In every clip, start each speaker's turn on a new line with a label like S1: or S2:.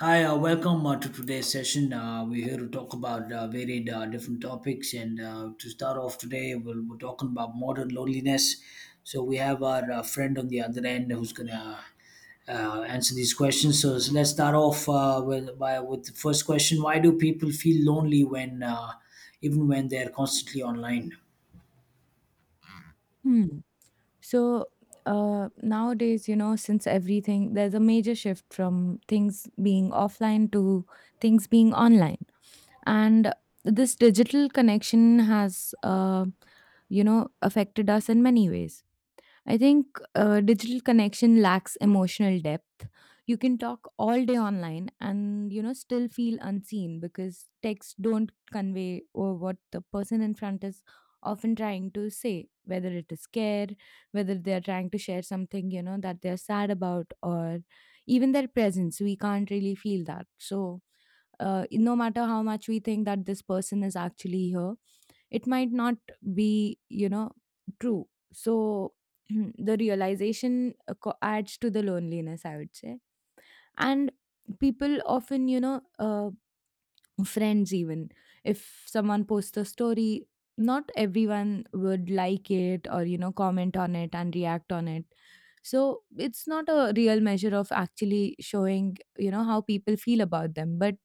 S1: Hi, welcome to today's session. We're here to talk about varied different topics, and to start off today, we're talking about modern loneliness. So we have our friend on the other end who's gonna uh, answer these questions. So, let's start off with the first question: Why do people feel lonely when even when they're constantly online?
S2: Hmm. So nowadays, you know, since everything, there's a major shift from things being offline to things being online. And this digital connection has, you know, affected us in many ways. I think digital connection lacks emotional depth. You can talk all day online and you know still feel unseen because texts don't convey or what the person in front is often trying to say, whether it is care, whether they are trying to share something you know that they are sad about, or even their presence. We can't really feel that. So no matter how much we think that this person is actually here, it might not be, you know, true. So the realization adds to the loneliness, I would say. And people often, you know, friends even, if someone posts a story not everyone would like it or you know comment on it and react on it, so it's not a real measure of actually showing you know how people feel about them, but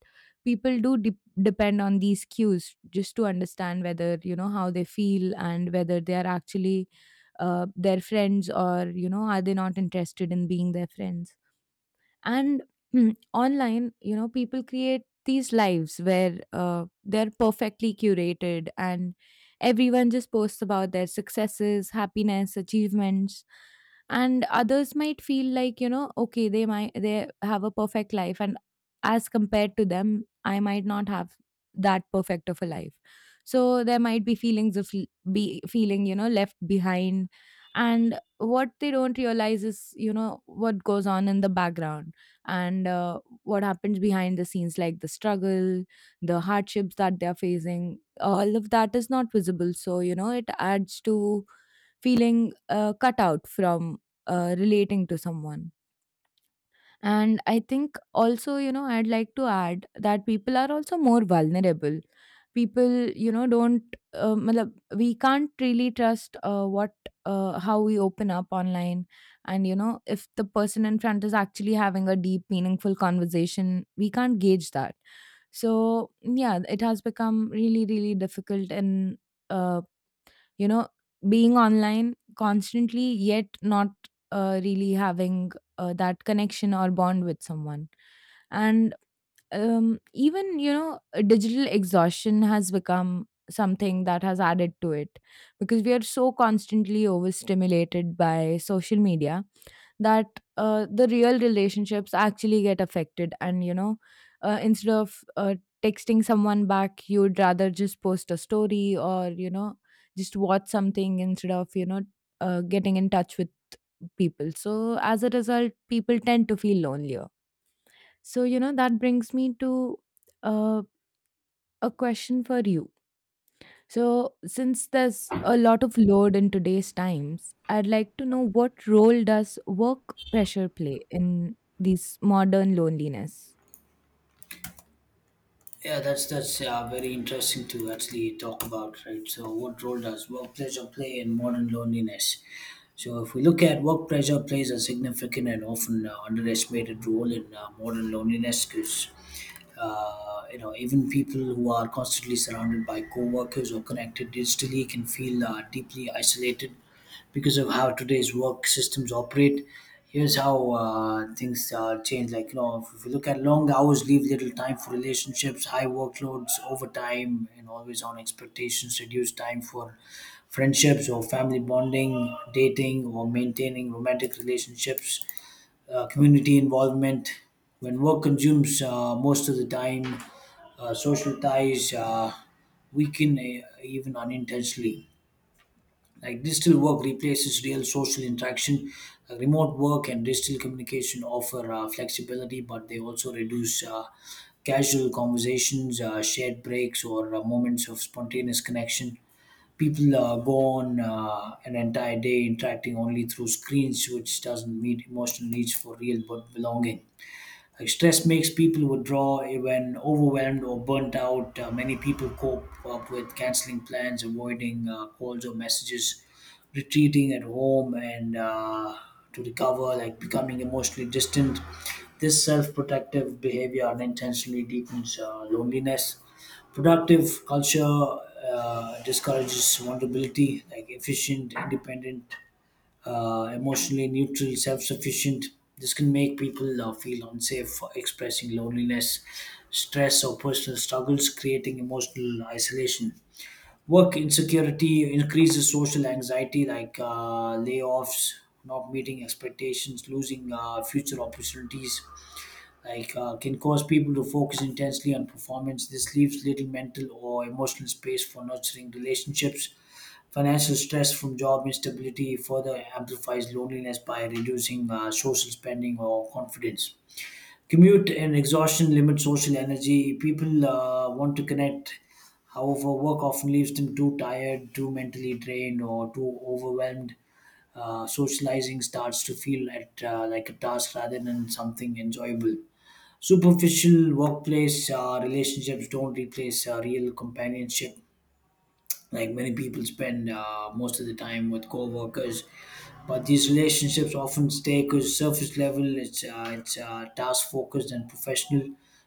S2: people depend on these cues just to understand whether you know how they feel and whether they are actually their friends or you know are they not interested in being their friends. And online you know people create these lives where they're perfectly curated and everyone just posts about their successes, happiness, achievements, and others might feel like you know okay they might they have a perfect life, and as compared to them I might not have that perfect of a life. So there might be feelings of be feeling you know left behind, and what they don't realize is you know what goes on in the background and what happens behind the scenes, like the struggle, the hardships that they're facing, all of that is not visible, so you know it adds to feeling cut out from relating to someone. And I think also, you know, I'd like to add that people are also more vulnerable. People, you know, don't, matlab, we can't really trust what, how we open up online. And, you know, if the person in front is actually having a deep, meaningful conversation, we can't gauge that. So, yeah, it has become really, really difficult in. uh, you know, being online constantly, yet not really having that connection or bond with someone. And even, you know, digital exhaustion has become something that has added to it because we are so constantly overstimulated by social media that the real relationships actually get affected, and you know instead of texting someone back you'd rather just post a story or you know just watch something instead of you know getting in touch with people. So as a result people tend to feel lonelier. So you know that brings me to uh, a question for you. So, since there's a lot of load in today's times, I'd like to know, what role does work pressure play in these modern loneliness?
S1: Yeah, that's very interesting to actually talk about, right? So, what role does work pressure play in modern loneliness? So, if we look at work pressure plays a significant and often underestimated role in modern loneliness, because you know even people who are constantly surrounded by co-workers or connected digitally can feel deeply isolated because of how today's work systems operate. Here's how things change. Like you know, if you look at long hours, leave little time for relationships, high workloads, overtime, and always on expectations. Reduce time for friendships or family bonding, dating, or maintaining romantic relationships, community involvement. When work consumes most of the time, social ties weaken even unintentionally. Like digital work replaces real social interaction. Remote work and digital communication offer flexibility, but they also reduce casual conversations, shared breaks, or moments of spontaneous connection. People go on an entire day interacting only through screens, which doesn't meet emotional needs for real but belonging. Like stress makes people withdraw when overwhelmed or burnt out. Many people cope up with canceling plans, avoiding calls or messages, retreating at home, and to recover, like becoming emotionally distant. This self-protective behavior unintentionally deepens loneliness. Productive culture discourages vulnerability, like efficient, independent, emotionally neutral, self sufficient. This can make people feel unsafe for expressing loneliness, stress, or personal struggles, creating emotional isolation. Work insecurity increases social anxiety, like layoffs, not meeting expectations, losing future opportunities like can cause people to focus intensely on performance. This leaves little mental or emotional space for nurturing relationships. Financial stress from job instability further amplifies loneliness by reducing social spending or confidence. Commute and exhaustion limit social energy. People want to connect. However, work often leaves them too tired, too mentally drained, or too overwhelmed. Socializing starts to feel like a task rather than something enjoyable. Superficial workplace relationships don't replace real companionship like many people spend most of the time with coworkers, but these relationships often stay because surface level, it's task focused and professional.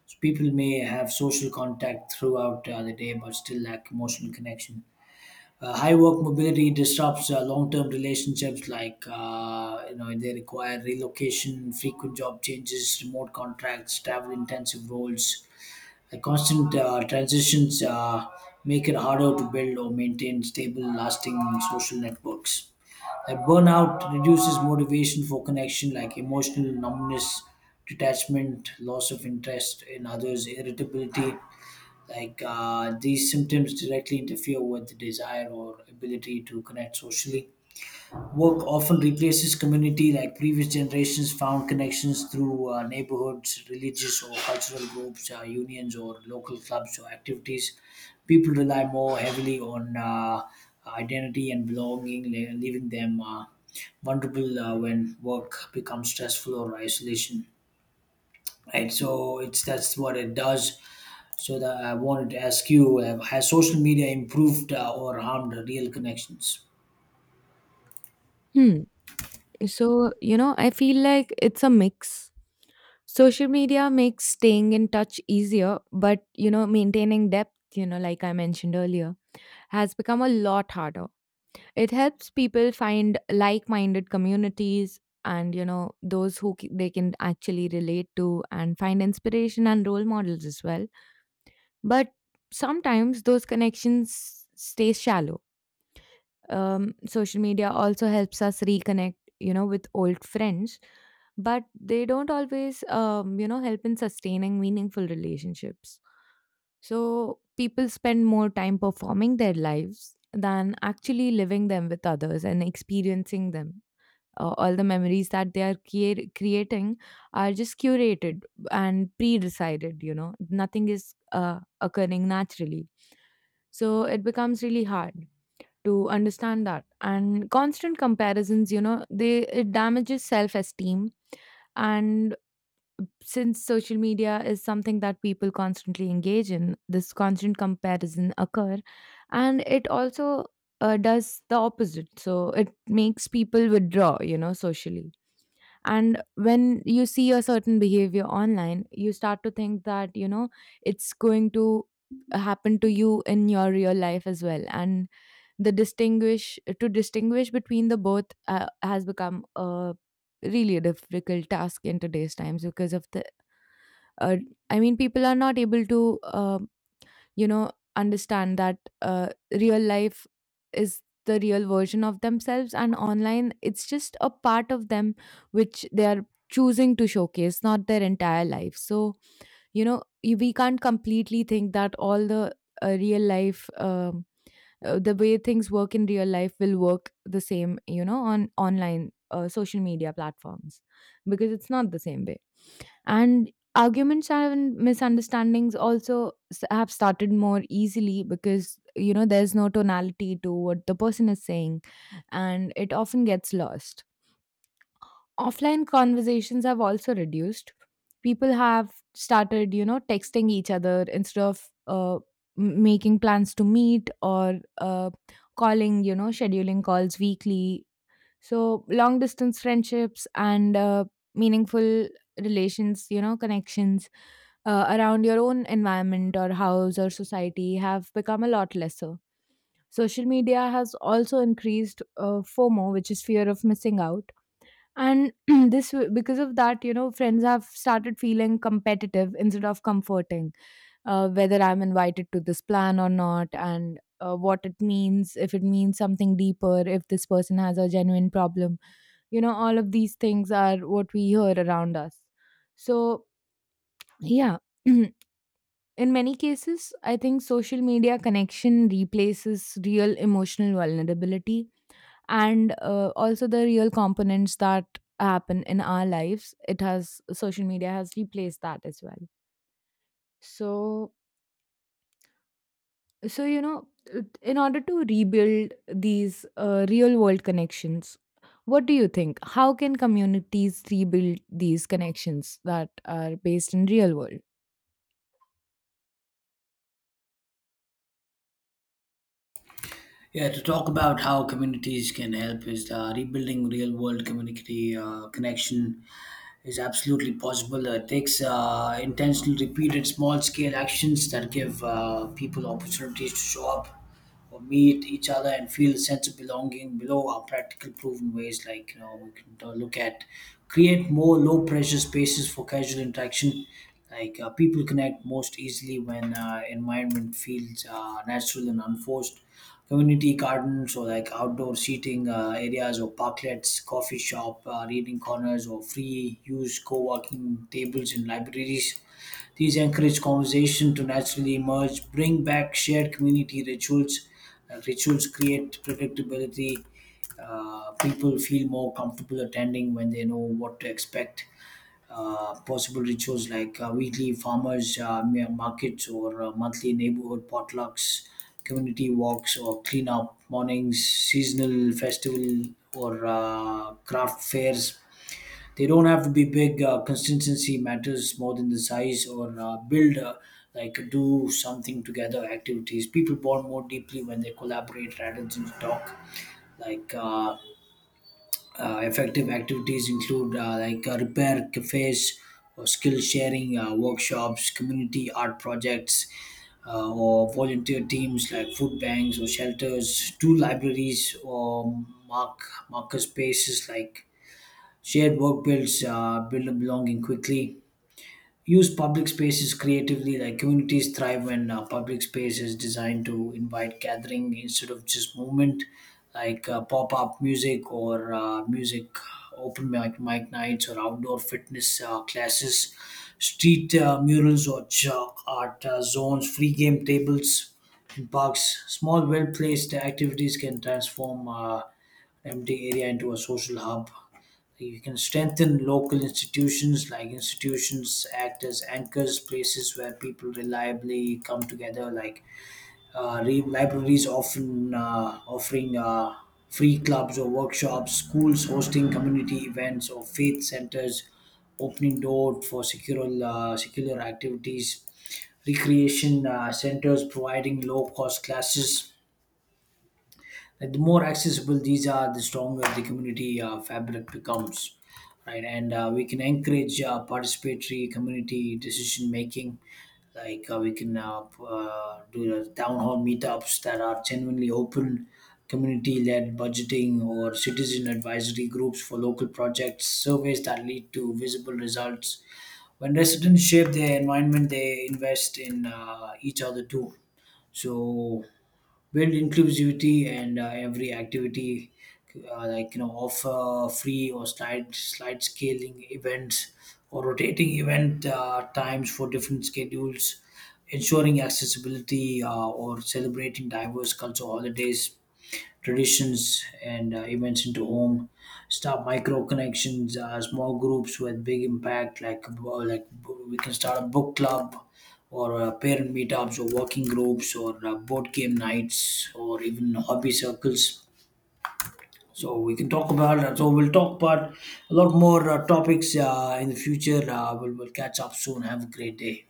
S1: So people may have social contact throughout the day, but still lack emotional connection. High work mobility disrupts long-term relationships like you know they require relocation, frequent job changes, remote contracts, travel-intensive roles, the constant transitions make it harder to build or maintain stable, lasting social networks. Like burnout reduces motivation for connection, like emotional numbness, detachment, loss of interest in others, irritability. Like these symptoms directly interfere with the desire or ability to connect socially. Work often replaces community, like previous generations found connections through neighborhoods, religious or cultural groups, unions, or local clubs or activities. People rely more heavily on identity and belonging, leaving them vulnerable when work becomes stressful or isolation. Right, so it's that's what it does. So that I wanted to ask you: Has social media improved or harmed real connections?
S2: Hmm. So, you know, I feel like it's a mix. Social media makes staying in touch easier, but, you know, maintaining depth, you know, like I mentioned earlier, has become a lot harder. It helps people find like-minded communities and you know those they can actually relate to and find inspiration and role models as well. But sometimes those connections stay shallow. Social media also helps us reconnect, you know, with old friends, but they don't always, you know, help in sustaining meaningful relationships. So people spend more time performing their lives than actually living them with others and experiencing them. All the memories that they are creating are just curated and pre-decided, you know, nothing is occurring naturally. So it becomes really hard to understand that. And constant comparisons, you know, they it damages self esteem. And since social media is something that people constantly engage in, this constant comparison occur. And it also does the opposite, so it makes people withdraw, you know, socially. And when you see a certain behavior online you start to think that you know it's going to happen to you in your real life as well. And the distinguish to distinguish between the both has become a really a difficult task in today's times because of the uh, I mean, people are not able to you know understand that real life is the real version of themselves, and online it's just a part of them which they are choosing to showcase, not their entire life. So you know we can't completely think that all the real life the way things work in real life will work the same you know on online social media platforms, because it's not the same way. And arguments and misunderstandings also have started more easily because you know there's no tonality to what the person is saying, and it often gets lost. Offline conversations have also reduced. People have started, you know, texting each other instead of making plans to meet, or calling, you know, scheduling calls weekly. So long distance friendships and meaningful relations, you know, connections around your own environment or house or society have become a lot lesser. Social media has also increased FOMO, which is fear of missing out. And this, because of that, you know, friends have started feeling competitive instead of comforting, whether I'm invited to this plan or not, and what it means, if it means something deeper, if this person has a genuine problem. You know, all of these things are what we hear around us. So, yeah. In many cases, I think social media connection replaces real emotional vulnerability and also the real components that happen in our lives. It has social media has replaced that as well. So, so you know, in order to rebuild these real world connections, what do you think? How can communities rebuild these connections that are based in real world?
S1: Yeah, to talk about how communities can help is the rebuilding real world community connection is absolutely possible. It takes intentional, repeated, small scale actions that give people opportunities to show up or meet each other and feel a sense of belonging below are practical proven ways like you know we can look at create more low pressure spaces for casual interaction like people connect most easily when environment feels natural and unforced. Community gardens or like outdoor seating areas or parklets, coffee shop, reading corners, or free use co-working tables in libraries. These encourage conversation to naturally emerge, bring back shared community rituals. Rituals create predictability. People feel more comfortable attending when they know what to expect, possible rituals like weekly farmers markets or monthly neighborhood potlucks, community walks or cleanup mornings, seasonal festival or craft fairs. They don't have to be big. Consistency matters more than the size or build like do something together activities. People bond more deeply when they collaborate rather than talk like effective activities include like repair cafes or skill sharing workshops, community art projects, or volunteer teams like food banks or shelters, two libraries or mark marker spaces like shared work build a belonging quickly, use public spaces creatively like communities thrive when public space is designed to invite gathering instead of just movement like pop-up music or music open mic nights or outdoor fitness classes, street murals or chalk art zones, free game tables in parks, small well-placed activities can transform empty area into a social hub. You can strengthen local institutions, like institutions act as anchors, places where people reliably come together, like libraries often offering free clubs or workshops, schools hosting community events, or faith centers opening door for secular activities, recreation centers providing low cost classes like the more accessible these are, the stronger the community fabric becomes, right? And we can encourage participatory community decision making. Like we can do the town hall meetups that are genuinely open, community-led budgeting or citizen advisory groups for local projects, surveys that lead to visible results. When residents shape their environment, they invest in each other too, so build inclusivity and every activity, like you know offer free or slide scaling events or rotating event times for different schedules, ensuring accessibility or celebrating diverse cultural holidays, traditions and events into home. Start micro connections, small groups with big impact like we can start a book club or parent meetups or working groups or board game nights or even hobby circles. So we can talk about that, so we'll talk about a lot more topics in the future. We'll catch up soon. Have a great day.